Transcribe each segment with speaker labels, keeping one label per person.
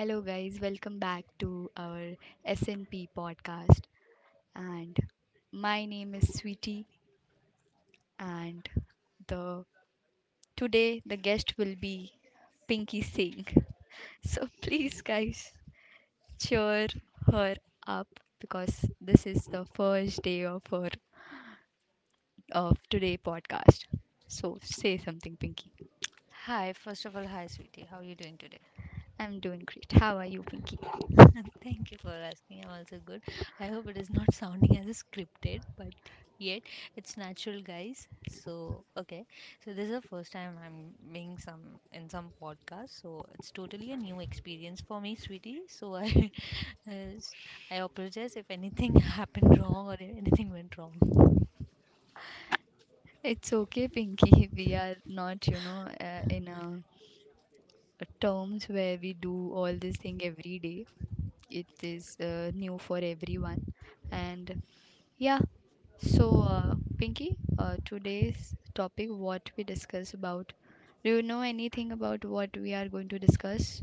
Speaker 1: Hello, guys. Welcome back to our SNP podcast. And My name is Sweetie, and the today the guest will be Pinky Singh. So please, guys, cheer her up because this is the first day of her of today podcast. So say something, Pinky.
Speaker 2: Hi, first of all, hi, sweetie. How are you doing today?
Speaker 1: I'm doing great. How are you, Pinky?
Speaker 2: Thank you for asking. I'm also good. I hope it is not sounding as scripted, but yet it's natural, guys. So, okay. So, this is the first time I'm being some in some podcast. So, it's totally a new experience for me, sweetie. So, I, uh, I apologize if anything happened wrong or if anything went wrong.
Speaker 1: It's okay, Pinky. We are not, in a terms where we do all this thing every day. It is new for everyone. And yeah, so Pinky, today's topic, what we discuss about. Do you know anything about what we are going to discuss?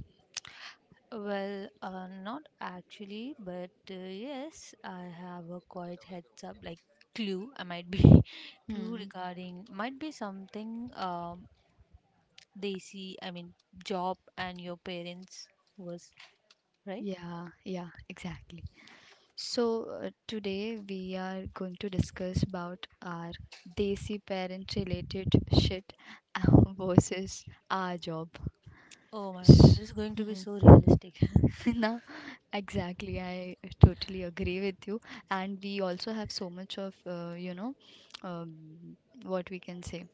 Speaker 2: Well, not actually, but yes, I have a quite heads up, like clue. I might be clue
Speaker 1: Hmm.
Speaker 2: regarding might be something they see. I mean, job and your parents was right.
Speaker 1: Yeah, yeah, exactly. So today we are going to discuss about our desi parent related shit versus our job.
Speaker 2: Oh my,
Speaker 1: S-
Speaker 2: this is going to be so
Speaker 1: hmm.
Speaker 2: realistic.
Speaker 1: No, exactly. I totally agree with you. And we also have so much of, um, what we can say,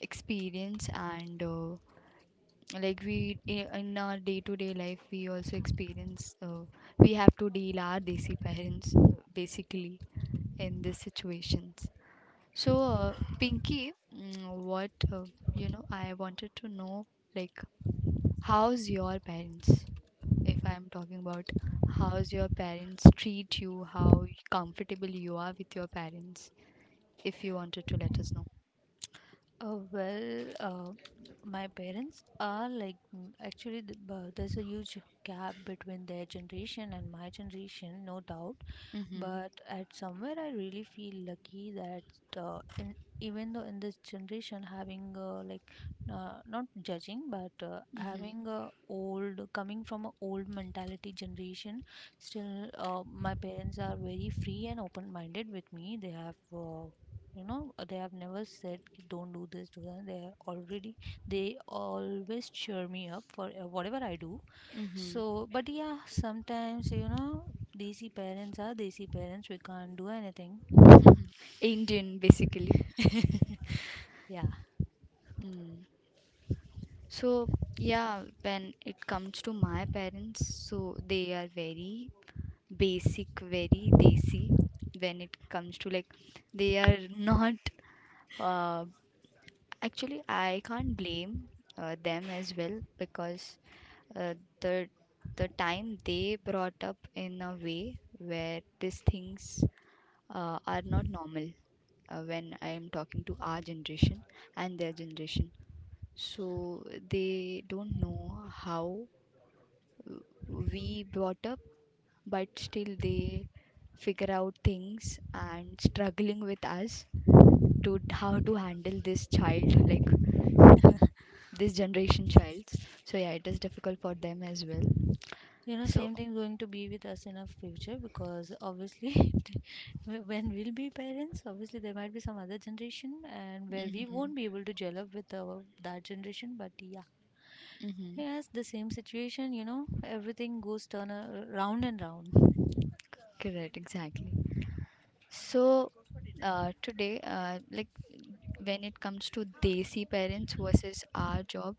Speaker 1: experience and like in our day-to-day life, we also experience, we have to deal our desi parents basically in these situations. So, Pinky, what, I wanted to know, like, how's your parents? If I'm talking about how's your parents treat you, how comfortable you are with your parents, if you wanted to let us know.
Speaker 2: Oh, well, my parents are like there's a huge gap between their generation and my generation, no doubt.
Speaker 1: Mm-hmm.
Speaker 2: But at somewhere I really feel lucky that uh, in, even though in this generation having like not judging but
Speaker 1: Mm-hmm.
Speaker 2: having a old coming from a old mentality generation, still my parents are very free and open minded with me. They have they have never said, "Ki, don't do this, do that." They are already, they always cheer me up for whatever I do.
Speaker 1: Mm-hmm.
Speaker 2: So, but yeah, sometimes, you know, desi parents are desi parents. We can't do anything.
Speaker 1: Indian, basically.
Speaker 2: Yeah.
Speaker 1: Mm. So, yeah, when it comes to my parents, so they are very basic, very desi when it comes to like, they are not, uh, actually, I can't blame them as well because uh, the the time they brought up in a way where these things are not normal when I am talking to our generation and their generation. So they don't know how uh, we brought up, but still they figure out things and struggling with us to how to handle this child like this generation childs. So yeah, it is difficult for them as well.
Speaker 2: You know,
Speaker 1: So
Speaker 2: same thing going to be with us in our future because obviously, when we'll be parents, obviously there might be some other generation and where we
Speaker 1: hmm.
Speaker 2: won't be able to gel up with our, that generation. But yeah, yes, the same situation, you know, everything goes turn round and round.
Speaker 1: Correct, exactly. So, today, like when it comes to desi parents versus our job,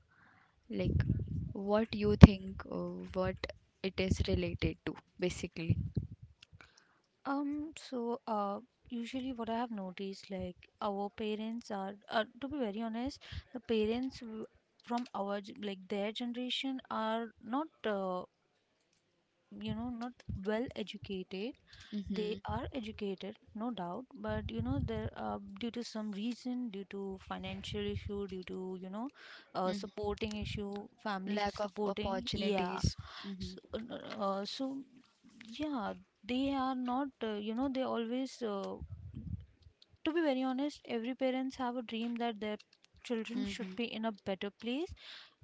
Speaker 1: like what you think, what it is related to, basically.
Speaker 2: So, usually what I have noticed, like our parents are, to be very honest, the from our, like their generation are not not well educated. They
Speaker 1: Mm-hmm,
Speaker 2: are educated no doubt, but you know there due to some reason, due to financial issue, due to you know,
Speaker 1: mm-hmm.
Speaker 2: supporting issue family
Speaker 1: Lack of
Speaker 2: supporting, yeah.
Speaker 1: opportunities. Mm-hmm,
Speaker 2: So, no, so yeah, they are not they always to be very honest, every parents have a dream that their children should
Speaker 1: mm-hmm,
Speaker 2: be in a better place,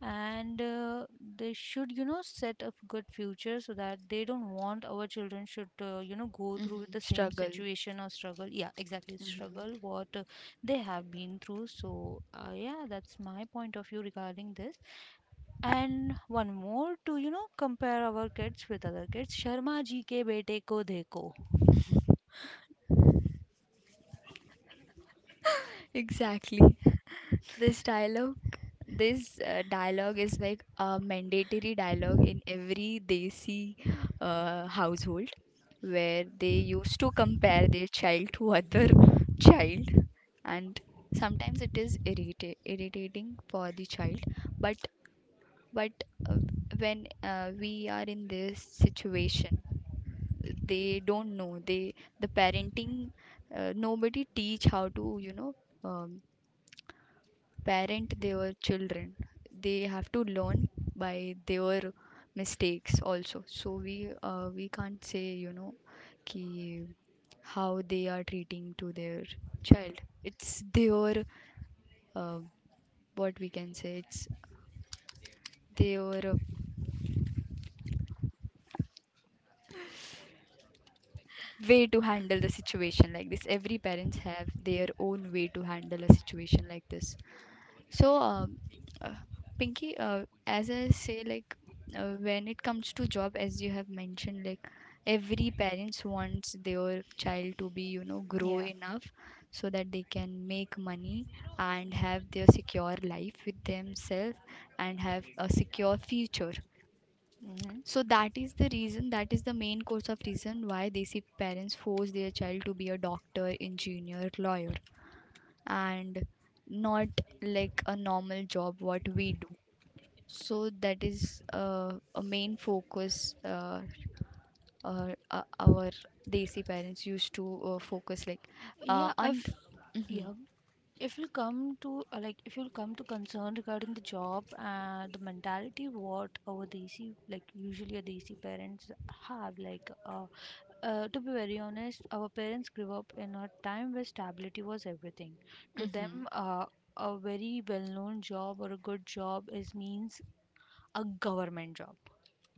Speaker 2: and they should you know set a good future so that they don't want our children should you know go through with
Speaker 1: mm-hmm.
Speaker 2: the same
Speaker 1: Struggle.
Speaker 2: situation or struggle, yeah, exactly,
Speaker 1: Mm-hmm.
Speaker 2: struggle what they have been through. So yeah, that's my point of view regarding this. And one more, to you know compare our kids with other kids, sharma ji ke bete ko dekho.
Speaker 1: Exactly. This dialogue, this dialogue is like a mandatory dialogue in every desi household where they used to compare their child to other child. And sometimes it is irritating for the child, but but uh, when we are in this situation they don't know, they, the parenting, nobody teach how to, um, parent their children. They have to learn by their mistakes also, so we, we can't say, you know, ki how they are treating to their child. It's their, uh, what we can say, it's their way to handle the situation like this. Every parents have their own way to handle a situation like this. So uh, Pinky, as I say, like when it comes to job as you have mentioned, like every parents wants their child to be, you know, grow
Speaker 2: Yeah.
Speaker 1: enough so that they can make money and have their secure life with themselves and have a secure future.
Speaker 2: Hmm.
Speaker 1: So that is the reason, that is the main cause of reason why they see parents force their child to be a doctor, engineer, lawyer, and not like a normal job what we do. So that is a main focus, our desi parents used to focus like
Speaker 2: Yeah.
Speaker 1: on.
Speaker 2: I've
Speaker 1: Mhm,
Speaker 2: yeah If you come to if you come to concern regarding the job and the mentality what our desi, like usually our desi parents have, like to be very honest, our parents grew up in a time where stability was everything to
Speaker 1: mhm,
Speaker 2: them. A very well known job or a good job is means a government job,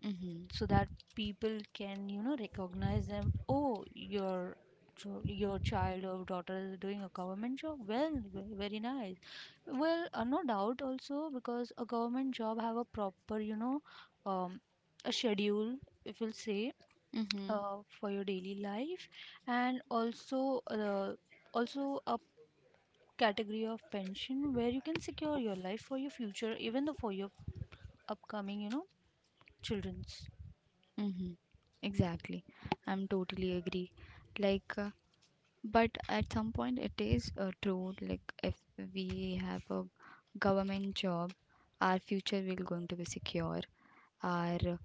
Speaker 1: mhm,
Speaker 2: so that people can you know recognize them, oh, your your child or daughter is doing a government job, very nice. Well, no doubt, also because a government job have a proper you know um, a schedule, if we'll say,
Speaker 1: mhm,
Speaker 2: for your daily life. And also a category of pension where you can secure your life for your future, even though for your upcoming you know children's.
Speaker 1: mhm. Exactly, I'm totally agree. Like. But at some point it is true, like if we have a government job, our future will going to be secure. Our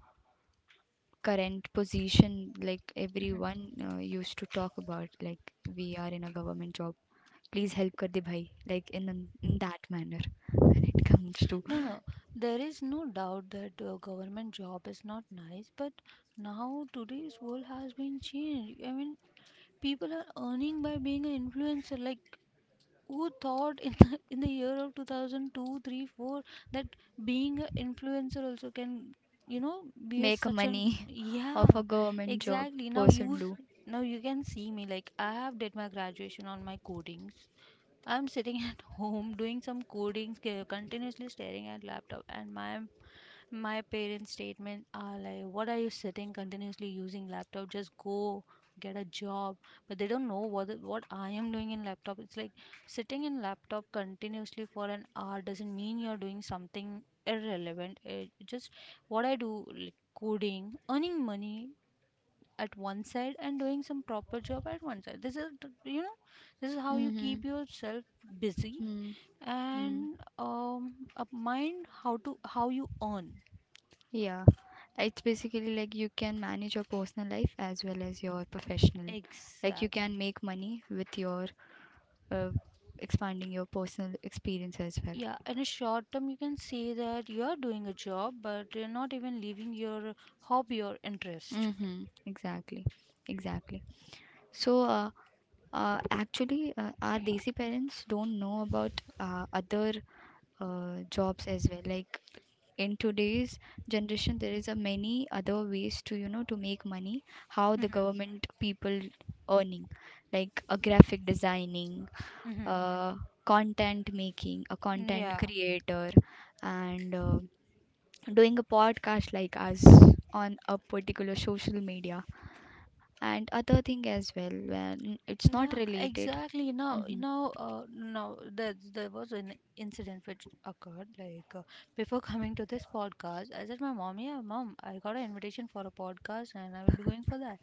Speaker 1: current position, like everyone
Speaker 2: Mm-hmm.
Speaker 1: used to talk about, like we are in a government job, please help kar de bhai, like in, in that manner when it comes to
Speaker 2: No, there is no doubt that government job is not nice, but now today's world has been changed. I mean, people are earning by being an influencer. Like, who thought in the year of 2002, 3, 4 that being an influencer also can you know be a
Speaker 1: make
Speaker 2: such an,
Speaker 1: money of
Speaker 2: yeah,
Speaker 1: a government job
Speaker 2: exactly.
Speaker 1: person do.
Speaker 2: Now you can see me, like I have did my graduation on my codings. I'm sitting at home doing some codings, continuously staring at laptop, and my parents statement are like, what are you sitting continuously using laptop, just go get a job. But they don't know what what I am doing in laptop. It's like, sitting in laptop continuously for an hour doesn't mean you're doing something irrelevant. It just, what I do, like coding, earning money at one side and doing some proper job at one side. You know, this is how you
Speaker 1: Mm-hmm.
Speaker 2: keep yourself busy
Speaker 1: Mm-hmm.
Speaker 2: and a mind how to how you earn.
Speaker 1: Yeah, it's basically like you can manage your personal life as well as your professional. Like you can
Speaker 2: Exactly.
Speaker 1: make money with your uh, expanding your personal experience as well.
Speaker 2: Yeah, in a short term, you can say that you are doing a job, but you're not even leaving your hobby or interest.
Speaker 1: Mm-hmm. Exactly. Exactly. So, actually, our desi parents don't know about other jobs as well. Like in today's generation there is a many other ways to, you know, to make money how the
Speaker 2: Mm-hmm.
Speaker 1: government people earning, like a graphic designing,
Speaker 2: Mm-hmm.
Speaker 1: uh, content making, a content
Speaker 2: Yeah.
Speaker 1: creator, and doing a podcast like us on a particular social media, and other thing as well when it's not
Speaker 2: Yeah,
Speaker 1: related.
Speaker 2: exactly. Now, you
Speaker 1: Hmm.
Speaker 2: know, now there was an incident which occurred. Like before coming to this podcast, I said my mom, "Yeah, mom, I got an invitation for a podcast, and I will be going for that."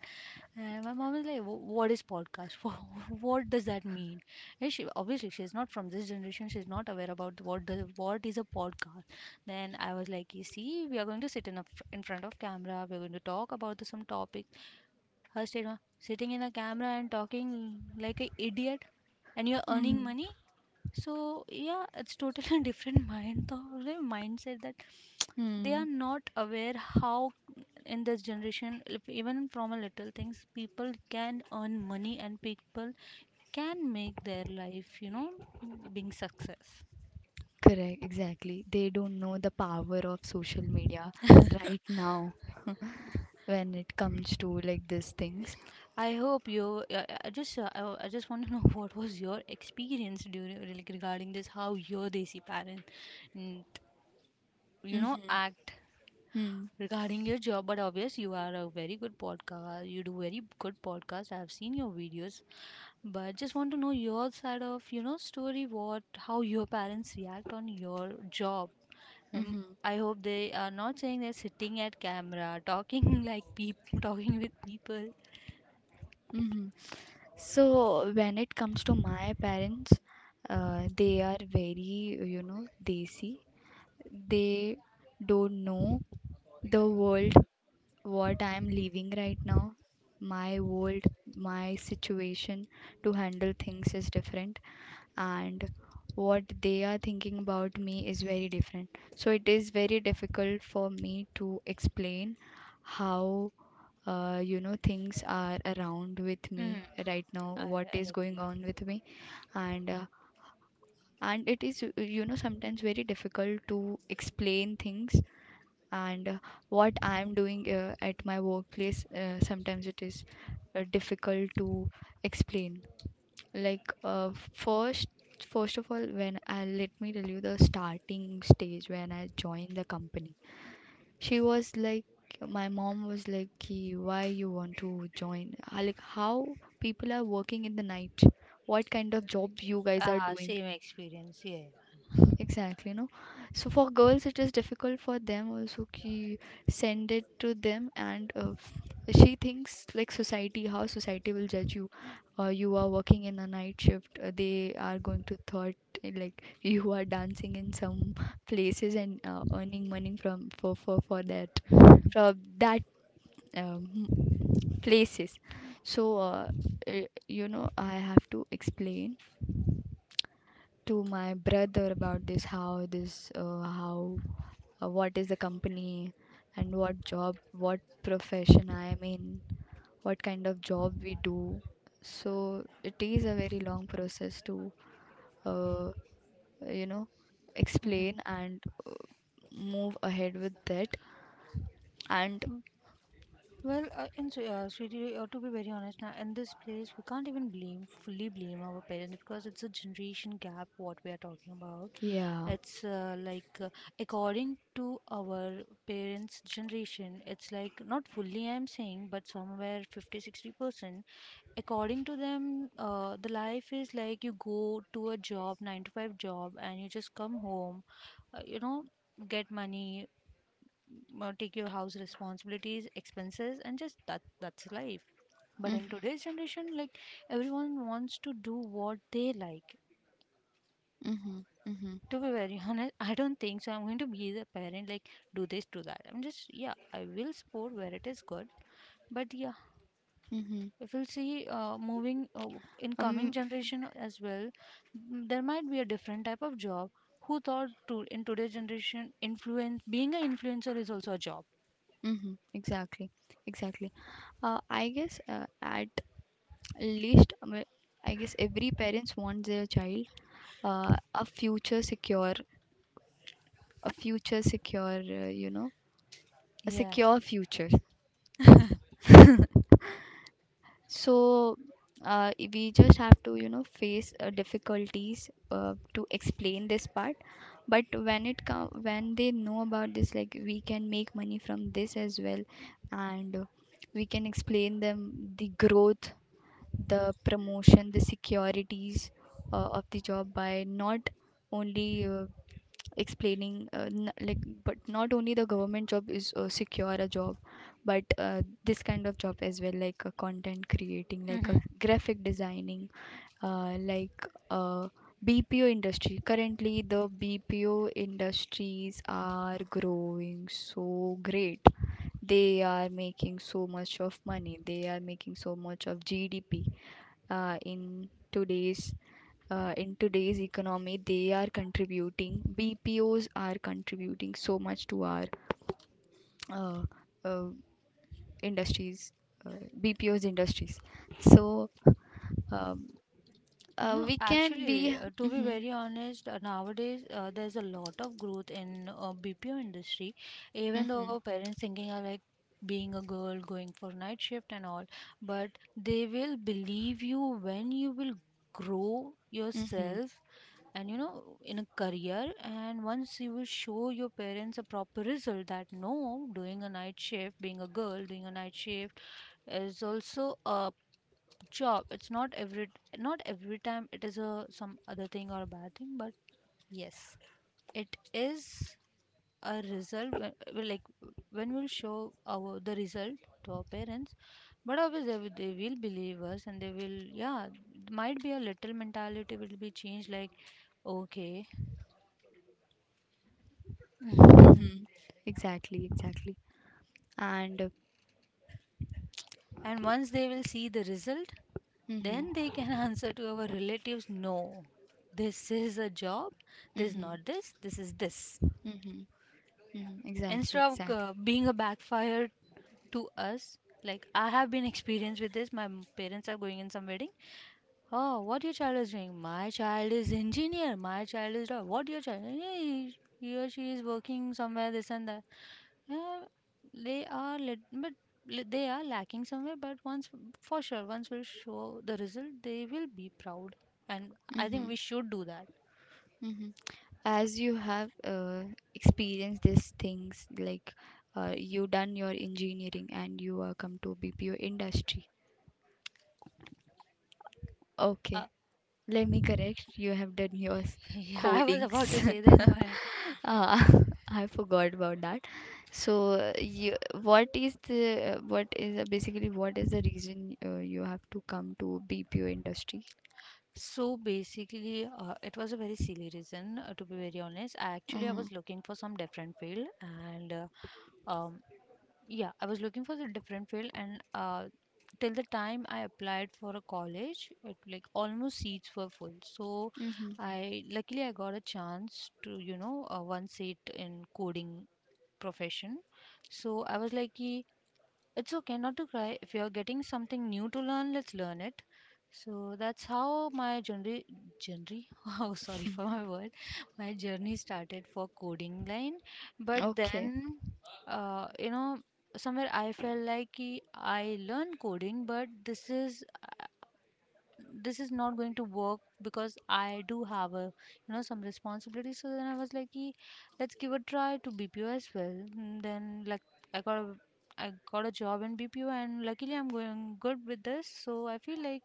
Speaker 2: And my mom is like, "Wh-" "What is podcast? For, what does that mean?" And she obviously she's not from this generation. She's not aware about what is a podcast. Then I was like, "You see, we are going to sit in a in front of camera. We are going to talk about some topic." First, you know, sitting in a camera and talking like an idiot, and you're earning money. So yeah, it's totally different mind thought, mindset that they
Speaker 1: Mm-hmm.
Speaker 2: are not aware how in this generation, if even from a little things, people can earn money and people can make their life, you know, being success.
Speaker 1: Correct, exactly. They don't know the power of social media right now when it comes to like these things.
Speaker 2: I hope you. I just want to know what was your experience during like regarding this, how your desi parent, mm, you know,
Speaker 1: Mm-hmm.
Speaker 2: act regarding your job. But obvious, you are a very good podcast. You do very good podcast. I've seen your videos, but just want to know your side of you know story. What, how your parents react on your job. Um,
Speaker 1: Mm-hmm.
Speaker 2: I hope they are not saying they're sitting at camera, talking like people, talking with people.
Speaker 1: Mm-hmm. So when it comes to my parents, they are very, you know, desi. They don't know the world what I am living right now. My world, my situation to handle things is different, and what they are thinking about me is very different. So it is very difficult for me to explain how, things are around with me
Speaker 2: Mm.
Speaker 1: right now,
Speaker 2: I,
Speaker 1: what
Speaker 2: I
Speaker 1: is going
Speaker 2: agree.
Speaker 1: on with me, and uh, and it is, you know, sometimes very difficult to explain things, and what I am doing at my workplace, sometimes it is difficult to explain. Like, first of all when I, let me tell you the starting stage when I joined the company, she was like, my mom was like, "Ki, why you want to join I, like how people are working in the night, what kind of job you guys are
Speaker 2: Ah,
Speaker 1: doing?"
Speaker 2: same experience. Yeah.
Speaker 1: Exactly, no. So for girls, it is difficult for them also ki send it to them, and she thinks like society, how society will judge you. You are working in a night shift. They are going to thought like you are dancing in some places and earning money from for that from that um, places. So uh, you know, I have to explain to my brother about this, how this, how what is the company and what job, what profession I am in, what kind of job we do. So it is a very long process to, uh, you know, explain and uh, move ahead with that. And
Speaker 2: Mhm. Well, Sweetie, to be very honest, now in this place, we can't even blame, fully blame our parents because it's a generation gap what we are talking about.
Speaker 1: yeah.
Speaker 2: It's according to our parents' generation, it's like not fully I'm saying, but somewhere 50-60%. According to them, the life is like you go to a job, 9 to 5 job, and you just come home, you know, get money, take your house responsibilities expenses, and just that's life. But
Speaker 1: Mm-hmm,
Speaker 2: in today's generation, like, everyone wants to do what they like.
Speaker 1: mm-hmm, mm-hmm,
Speaker 2: To be very honest, I don't think so I'm going to be the parent like do this do that. I'm just, yeah, I will support where it is good. But yeah,
Speaker 1: mm-hmm.
Speaker 2: if we'll see moving in coming
Speaker 1: Um,
Speaker 2: generation as well, there might be a different type of job. Who thought to in today's generation influence being an influencer is also a job.
Speaker 1: mm-hmm, exactly, exactly. I guess at least, I guess every parents wants their child uh, a future secure a future secure, you know, a
Speaker 2: Yeah.
Speaker 1: secure future. So we just have to, you know, face difficulties to explain this part. But when it when they know about this, like we can make money from this as well, and we can explain them the growth, the promotion, the securities of the job by not only explaining like, but not only the government job is secure a job, but this kind of job as well, like content creating, like
Speaker 2: Hmm.
Speaker 1: graphic designing, uh, like uh, BPO industry. Currently the BPO industries are growing so great. They are making so much of money, they are making so much of GDP uh, in today's in today's economy. They are contributing, bpos are contributing so much to our uh, uh, industries, uh, bpos industries. So um,
Speaker 2: No,
Speaker 1: we can
Speaker 2: actually,
Speaker 1: be.
Speaker 2: to be
Speaker 1: Mm-hmm,
Speaker 2: very honest, nowadays there's a lot of growth in BPO industry. Even though
Speaker 1: mm-hmm,
Speaker 2: our parents thinking are like being a girl going for night shift and all, but they will believe you when you will grow
Speaker 1: mm-hmm,
Speaker 2: yourself and you know in a career. And once you will show your parents a proper result that no, doing a night shift, being a girl doing a night shift is also a, sure, it's not every, not every time it is a some other thing or a bad thing, but yes, it is a result. When, well, like when we'll show our the result to our parents, but obviously they will believe us, and they will, yeah, might be a little mentality will be changed, like, okay.
Speaker 1: mm-hmm, exactly, exactly. And
Speaker 2: And once they will see the result,
Speaker 1: mm-hmm,
Speaker 2: then they can answer to our relatives, no, this is a job, this is
Speaker 1: mm-hmm,
Speaker 2: not this, this is this.
Speaker 1: mm-hmm, mm-hmm, exactly,
Speaker 2: Instead of
Speaker 1: exactly.
Speaker 2: being a backfire to us, like I have been experienced with this, my parents are going in some wedding, oh, what your child is doing, my child is engineer, my child is what your child, yeah, he or she is working somewhere this and that, yeah, they are lit, but they are lacking somewhere. But once, for sure, once we'll show the result, they will be proud, and I think
Speaker 1: Mm-hmm,
Speaker 2: we should do that.
Speaker 1: mm-hmm. As you have experienced these things, like you done your engineering and you are come to bpo industry.
Speaker 2: uh,
Speaker 1: Okay, let me correct, you have done your
Speaker 2: yeah, I was
Speaker 1: codings.
Speaker 2: about to say that.
Speaker 1: Ah, I forgot about that. So you, what is the what is, basically, what is the reason you have to come to bpo industry?
Speaker 2: So basically, it was a very silly reason, to be very honest. I actually I
Speaker 1: Mm-hmm.
Speaker 2: was looking for some different field, and um, yeah, I was looking for the different field, and till the time I applied for a college, it like almost seats were full. So
Speaker 1: Mm-hmm.
Speaker 2: I luckily I got a chance to one seat in coding profession. So I was like, "Ki, it's okay not to cry. If you're getting something new to learn, let's learn it. So that's how my journey, oh, sorry for my word, my journey started for coding line. But
Speaker 1: Okay.
Speaker 2: then, uh, you know, somewhere I felt like ki I learn coding, but this is not going to work because I do have a some responsibility. So then I was like, "Ye, let's give a try to BPO as well. Mm, then like i got a I got a job in BPO, and luckily I'm going good with this. So I feel like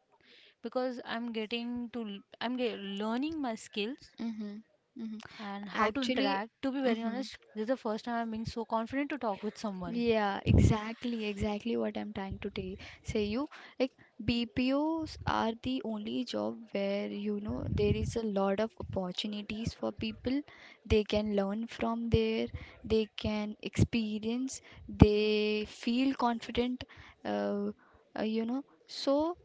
Speaker 2: because I'm getting to l- I'm ge- learning my skills
Speaker 1: Mm-hmm. Mm-hmm.
Speaker 2: and how to
Speaker 1: Actually.
Speaker 2: interact. To be very
Speaker 1: Mm-hmm.
Speaker 2: honest, this is the first time I'm being so confident to talk with someone.
Speaker 1: Yeah, exactly, exactly what I'm trying to tell say you. Like BPOs are the only job where, you know, there is a lot of opportunities for people. They can learn from there, they can experience, they feel confident, uh, you know. So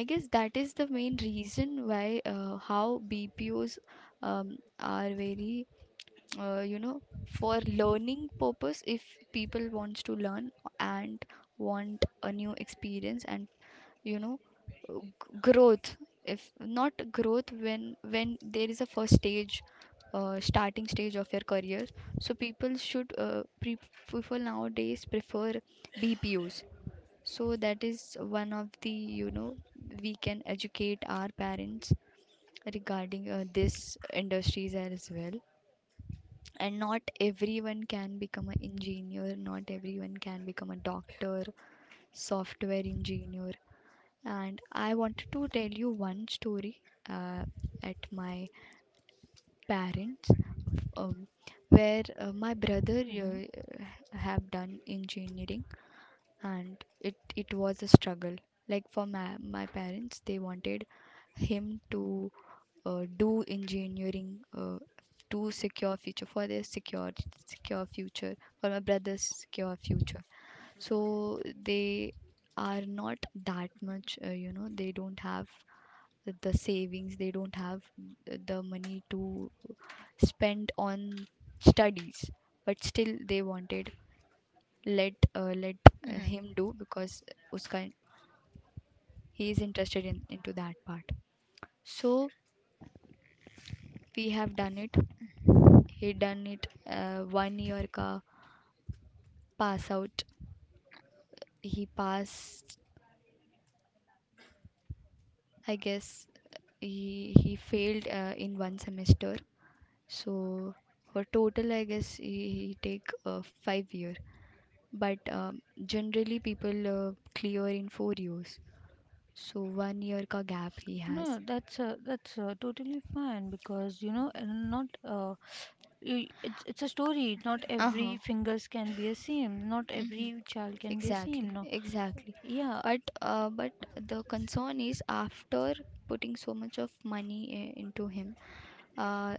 Speaker 1: I guess that is the main reason why how BPOs are very uh, you know for learning purpose if people wants to learn and want a new experience and you know growth. If not growth, when there is a first stage, starting stage of your career, so people should people nowadays prefer bpos. So that is one of the, we can educate our parents regarding this industries as well. And not everyone can become an engineer, not everyone can become a doctor, software engineer. And I wanted to tell you one story, uh, at my parents, um, where my brother
Speaker 2: Hmm.
Speaker 1: uh, have done engineering, and it was a struggle. Like, for my parents, they wanted him to do engineering, to secure future for their secure, secure future for my brother's secure future. So they are not that much, they don't have the savings, they don't have the money to spend on studies, but still they wanted, let let
Speaker 2: Hmm.
Speaker 1: him do, because uska he is interested in into that part. So we have done it, he done it, one year ka pass out, he passed. I guess he failed in one semester. So for total I guess he take 5 year, but generally people clear in 4 years, so one year ka gap he has.
Speaker 2: No, that's totally fine because you know, not you- it's a story. Not
Speaker 1: Uh huh.
Speaker 2: every fingers can be a same, not
Speaker 1: Mm-hmm.
Speaker 2: every child can be a same,
Speaker 1: Exactly,
Speaker 2: no.
Speaker 1: exactly.
Speaker 2: Yeah.
Speaker 1: But the concern is, after putting so much of money into him, uh,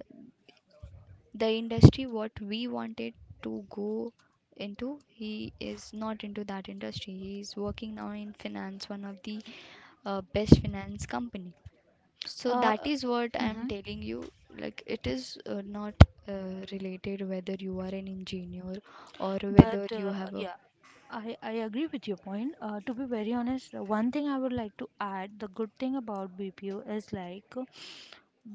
Speaker 1: the industry what we wanted to go into, he is not into that industry. He is working now in finance, one of the best finance company. So
Speaker 2: Uh,
Speaker 1: that is what I am
Speaker 2: mm-hmm.
Speaker 1: telling you, like it is not uh, related whether you are an engineer or
Speaker 2: But
Speaker 1: whether you have a—
Speaker 2: yeah, I agree with your point. To be very honest, one thing I would like to add, the good thing about BPO is like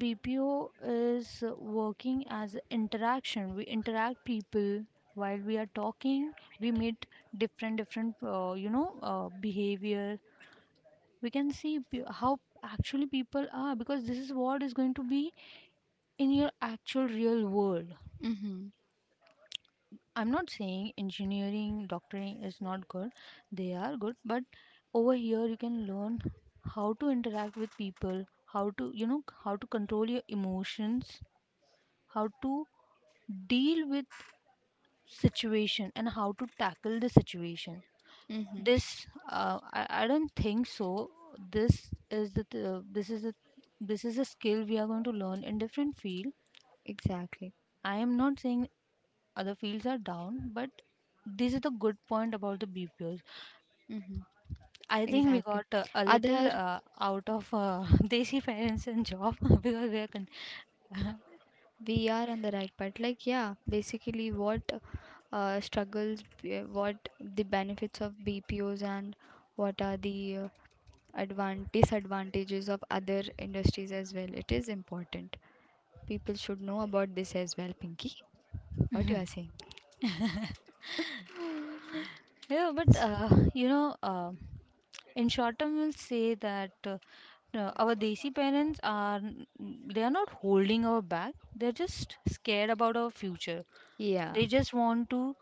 Speaker 2: BPO is working as interaction. We interact people while we are talking. We meet different different behavior. We can see how actually people are, because this is what is going to be in your actual real world.
Speaker 1: mm-hmm,
Speaker 2: I'm not saying engineering doctoring is not good. They are good, but over here you can learn how to interact with people, how to how to control your emotions, how to deal with situation and how to tackle the situation.
Speaker 1: mm-hmm,
Speaker 2: This I don't think so. This is the th- this is the This is a skill we are going to learn in different field.
Speaker 1: exactly,
Speaker 2: I am not saying other fields are down, but this is the good point about the BPOs.
Speaker 1: mm-hmm,
Speaker 2: I think we
Speaker 1: exactly,
Speaker 2: got a little
Speaker 1: other.
Speaker 2: out of desi parents and job. Because we are
Speaker 1: We are on the right path, like, yeah, basically what, struggles, what the benefits of bpos, and what are the disadvantages of other industries as well, it is important, people should know about this as well, Pinky, what you are saying.
Speaker 2: Yeah, but you know, uh, in short term, we'll say that no, our desi parents are they are not holding our back. They're just scared about our future.
Speaker 1: Yeah.
Speaker 2: They just want to.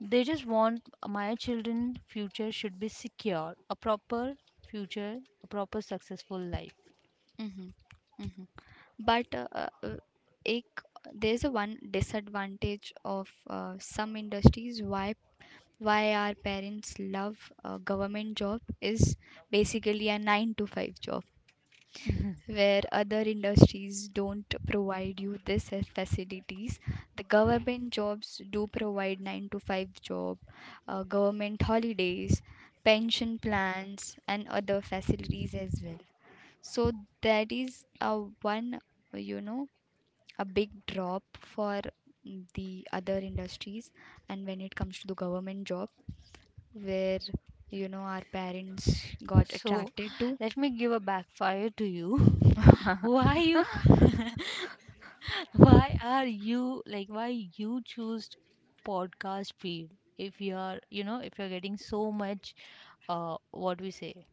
Speaker 2: They just want my children' future should be secure, a proper future, a proper successful life.
Speaker 1: Mm-hmm. Mm-hmm. But ek, there's a one disadvantage of some industries. Why our parents love a government job, is basically a 9 to 5 job, where other industries don't provide you this as facilities. The government jobs do provide 9 to 5 job, government holidays, pension plans and other facilities as well. So that is a one, you know a big drop for the other industries. And when it comes to the government job, where you know our parents got
Speaker 2: So,
Speaker 1: attracted to.
Speaker 2: let me give a backfire to you. Why you? Why are you like why you choose podcast field if you are if you're getting so much what we say,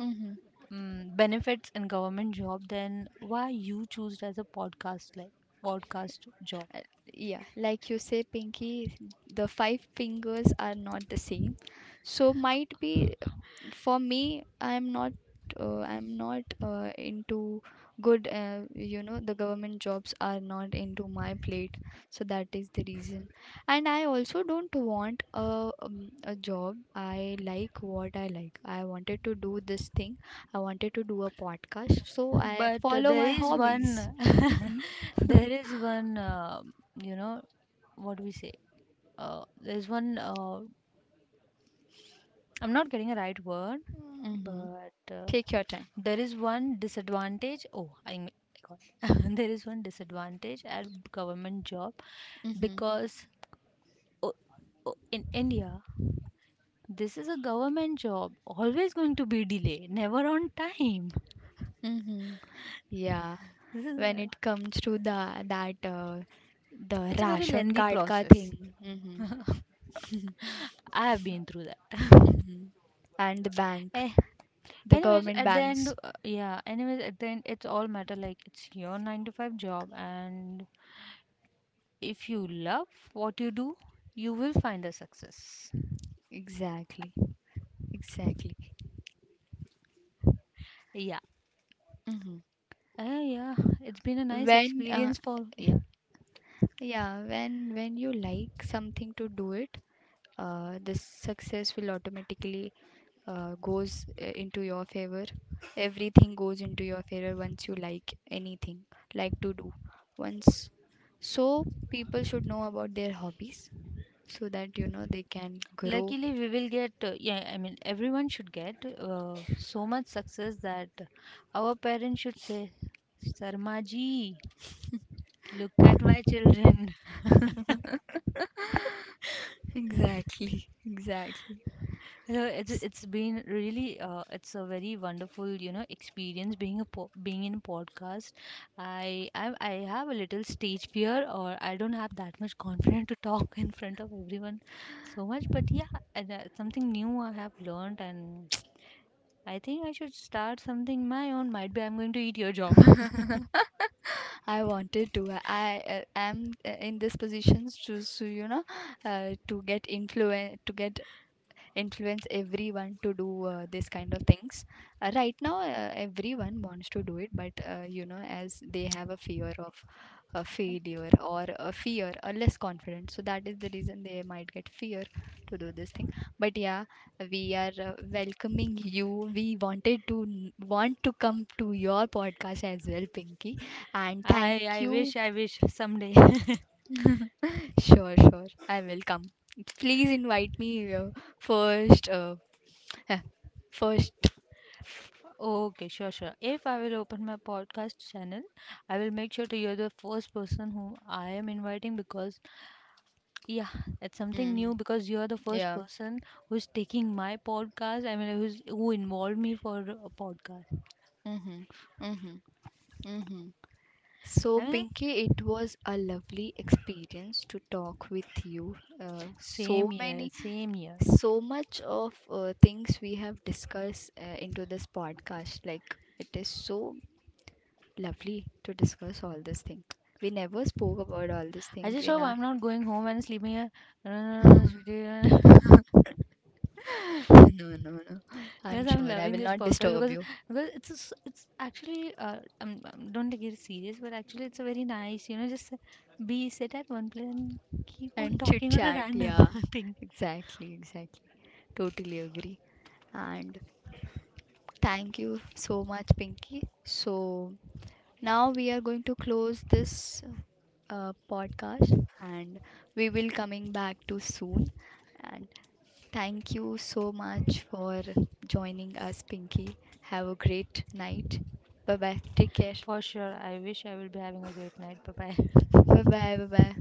Speaker 1: Mm-hmm.
Speaker 2: mm, benefits in government job, then why you choose as a podcast, like podcast job?
Speaker 1: Yeah, like you say, Pinky, the five fingers are not the same. So might be for me, I'm not into good, the government jobs are not into my plate. So that is the reason. And I also don't want a job. I like what I like, I wanted to do this thing, I wanted to do a podcast, so I
Speaker 2: But
Speaker 1: follow
Speaker 2: there
Speaker 1: my
Speaker 2: is
Speaker 1: hobbies.
Speaker 2: one there is one you know what we say, there's one I'm not getting a right word.
Speaker 1: Mm-hmm.
Speaker 2: But
Speaker 1: Take your time.
Speaker 2: there is one disadvantage. Oh, I mean, God. There is one disadvantage at government job
Speaker 1: Mm-hmm.
Speaker 2: because oh, oh, in India, this is a government job, always going to be delay, never on time.
Speaker 1: Mm-hmm. Yeah,
Speaker 2: This is
Speaker 1: when
Speaker 2: a,
Speaker 1: it comes to the that the
Speaker 2: it's a very
Speaker 1: ration
Speaker 2: lengthy
Speaker 1: card ka
Speaker 2: process.
Speaker 1: thing. Mm-hmm.
Speaker 2: I have been through that.
Speaker 1: Hmm. And the bank,
Speaker 2: Eh,
Speaker 1: the
Speaker 2: anyways,
Speaker 1: government
Speaker 2: at the end,
Speaker 1: banks.
Speaker 2: yeah. Anyways, at the end, it's all matter. Like it's your nine to five job, and if you love what you do, you will find a success.
Speaker 1: Exactly. Exactly.
Speaker 2: Yeah,
Speaker 1: Hmm.
Speaker 2: yeah, it's been a nice
Speaker 1: When,
Speaker 2: experience for yeah.
Speaker 1: yeah, when you like something to do it, the success will automatically goes into your favor. Everything goes into your favor once you like anything, like to do. Once, so people should know about their hobbies, so that you know they can grow.
Speaker 2: Luckily, we will get yeah. I mean, everyone should get so much success that our parents should say, "Sarmaji, look at my children."
Speaker 1: Exactly. Exactly.
Speaker 2: You know, it's been really it's a very wonderful experience being a being in a podcast. I have a little stage fear, or I don't have that much confidence to talk in front of everyone so much. But yeah, and, something new I have learned, and I think I should start something my own. Might be I'm going to eat your job.
Speaker 1: I wanted to. I am in this positions to, so, you know, to get influence everyone to do this kind of things. Right now everyone wants to do it, but as they have a fear of a failure, or a fear, or less confidence, so that is the reason they might get fear to do this thing. But yeah, we are welcoming you, we wanted to want to come to your podcast as well, Pinky. And
Speaker 2: I
Speaker 1: thank
Speaker 2: I
Speaker 1: you.
Speaker 2: wish I wish someday.
Speaker 1: Sure, sure, I will come, please invite me, first, first.
Speaker 2: Okay, sure, sure. If I will open my podcast channel, I will make sure to you're the first person whom I am inviting because, yeah, it's something new
Speaker 1: Mhm.
Speaker 2: because you're the first
Speaker 1: Yeah.
Speaker 2: person who's taking my podcast. I mean, who involved me for a podcast.
Speaker 1: Mhm. Mhm. Mhm. So,
Speaker 2: I mean, like,
Speaker 1: Pinky, it was a lovely experience to talk with you. So
Speaker 2: same year,
Speaker 1: many,
Speaker 2: same year.
Speaker 1: so much of things we have discussed into this podcast. Like, it is so lovely to discuss all these things. We never spoke about all these
Speaker 2: I
Speaker 1: things
Speaker 2: just
Speaker 1: in
Speaker 2: hope
Speaker 1: our.
Speaker 2: I'm not going home and sleeping. uh,
Speaker 1: No, no, no. I'm
Speaker 2: Yes, I'm
Speaker 1: sure I
Speaker 2: loving
Speaker 1: will
Speaker 2: this
Speaker 1: not
Speaker 2: podcast
Speaker 1: disturb
Speaker 2: because
Speaker 1: you.
Speaker 2: it's a s it's actually don't take it serious, but actually it's a very nice just be sit at one place and keep on
Speaker 1: And chit
Speaker 2: talking on a
Speaker 1: chat,
Speaker 2: random
Speaker 1: yeah.
Speaker 2: thing.
Speaker 1: Exactly, exactly. Totally agree. And thank you so much, Pinky. So now we are going to close this podcast, and we will coming back to soon. And thank you so much for joining us, Pinky. Have a great night. Bye bye. Take care.
Speaker 2: For sure, I wish I will be having a great night. Bye bye.
Speaker 1: Bye bye. Bye bye.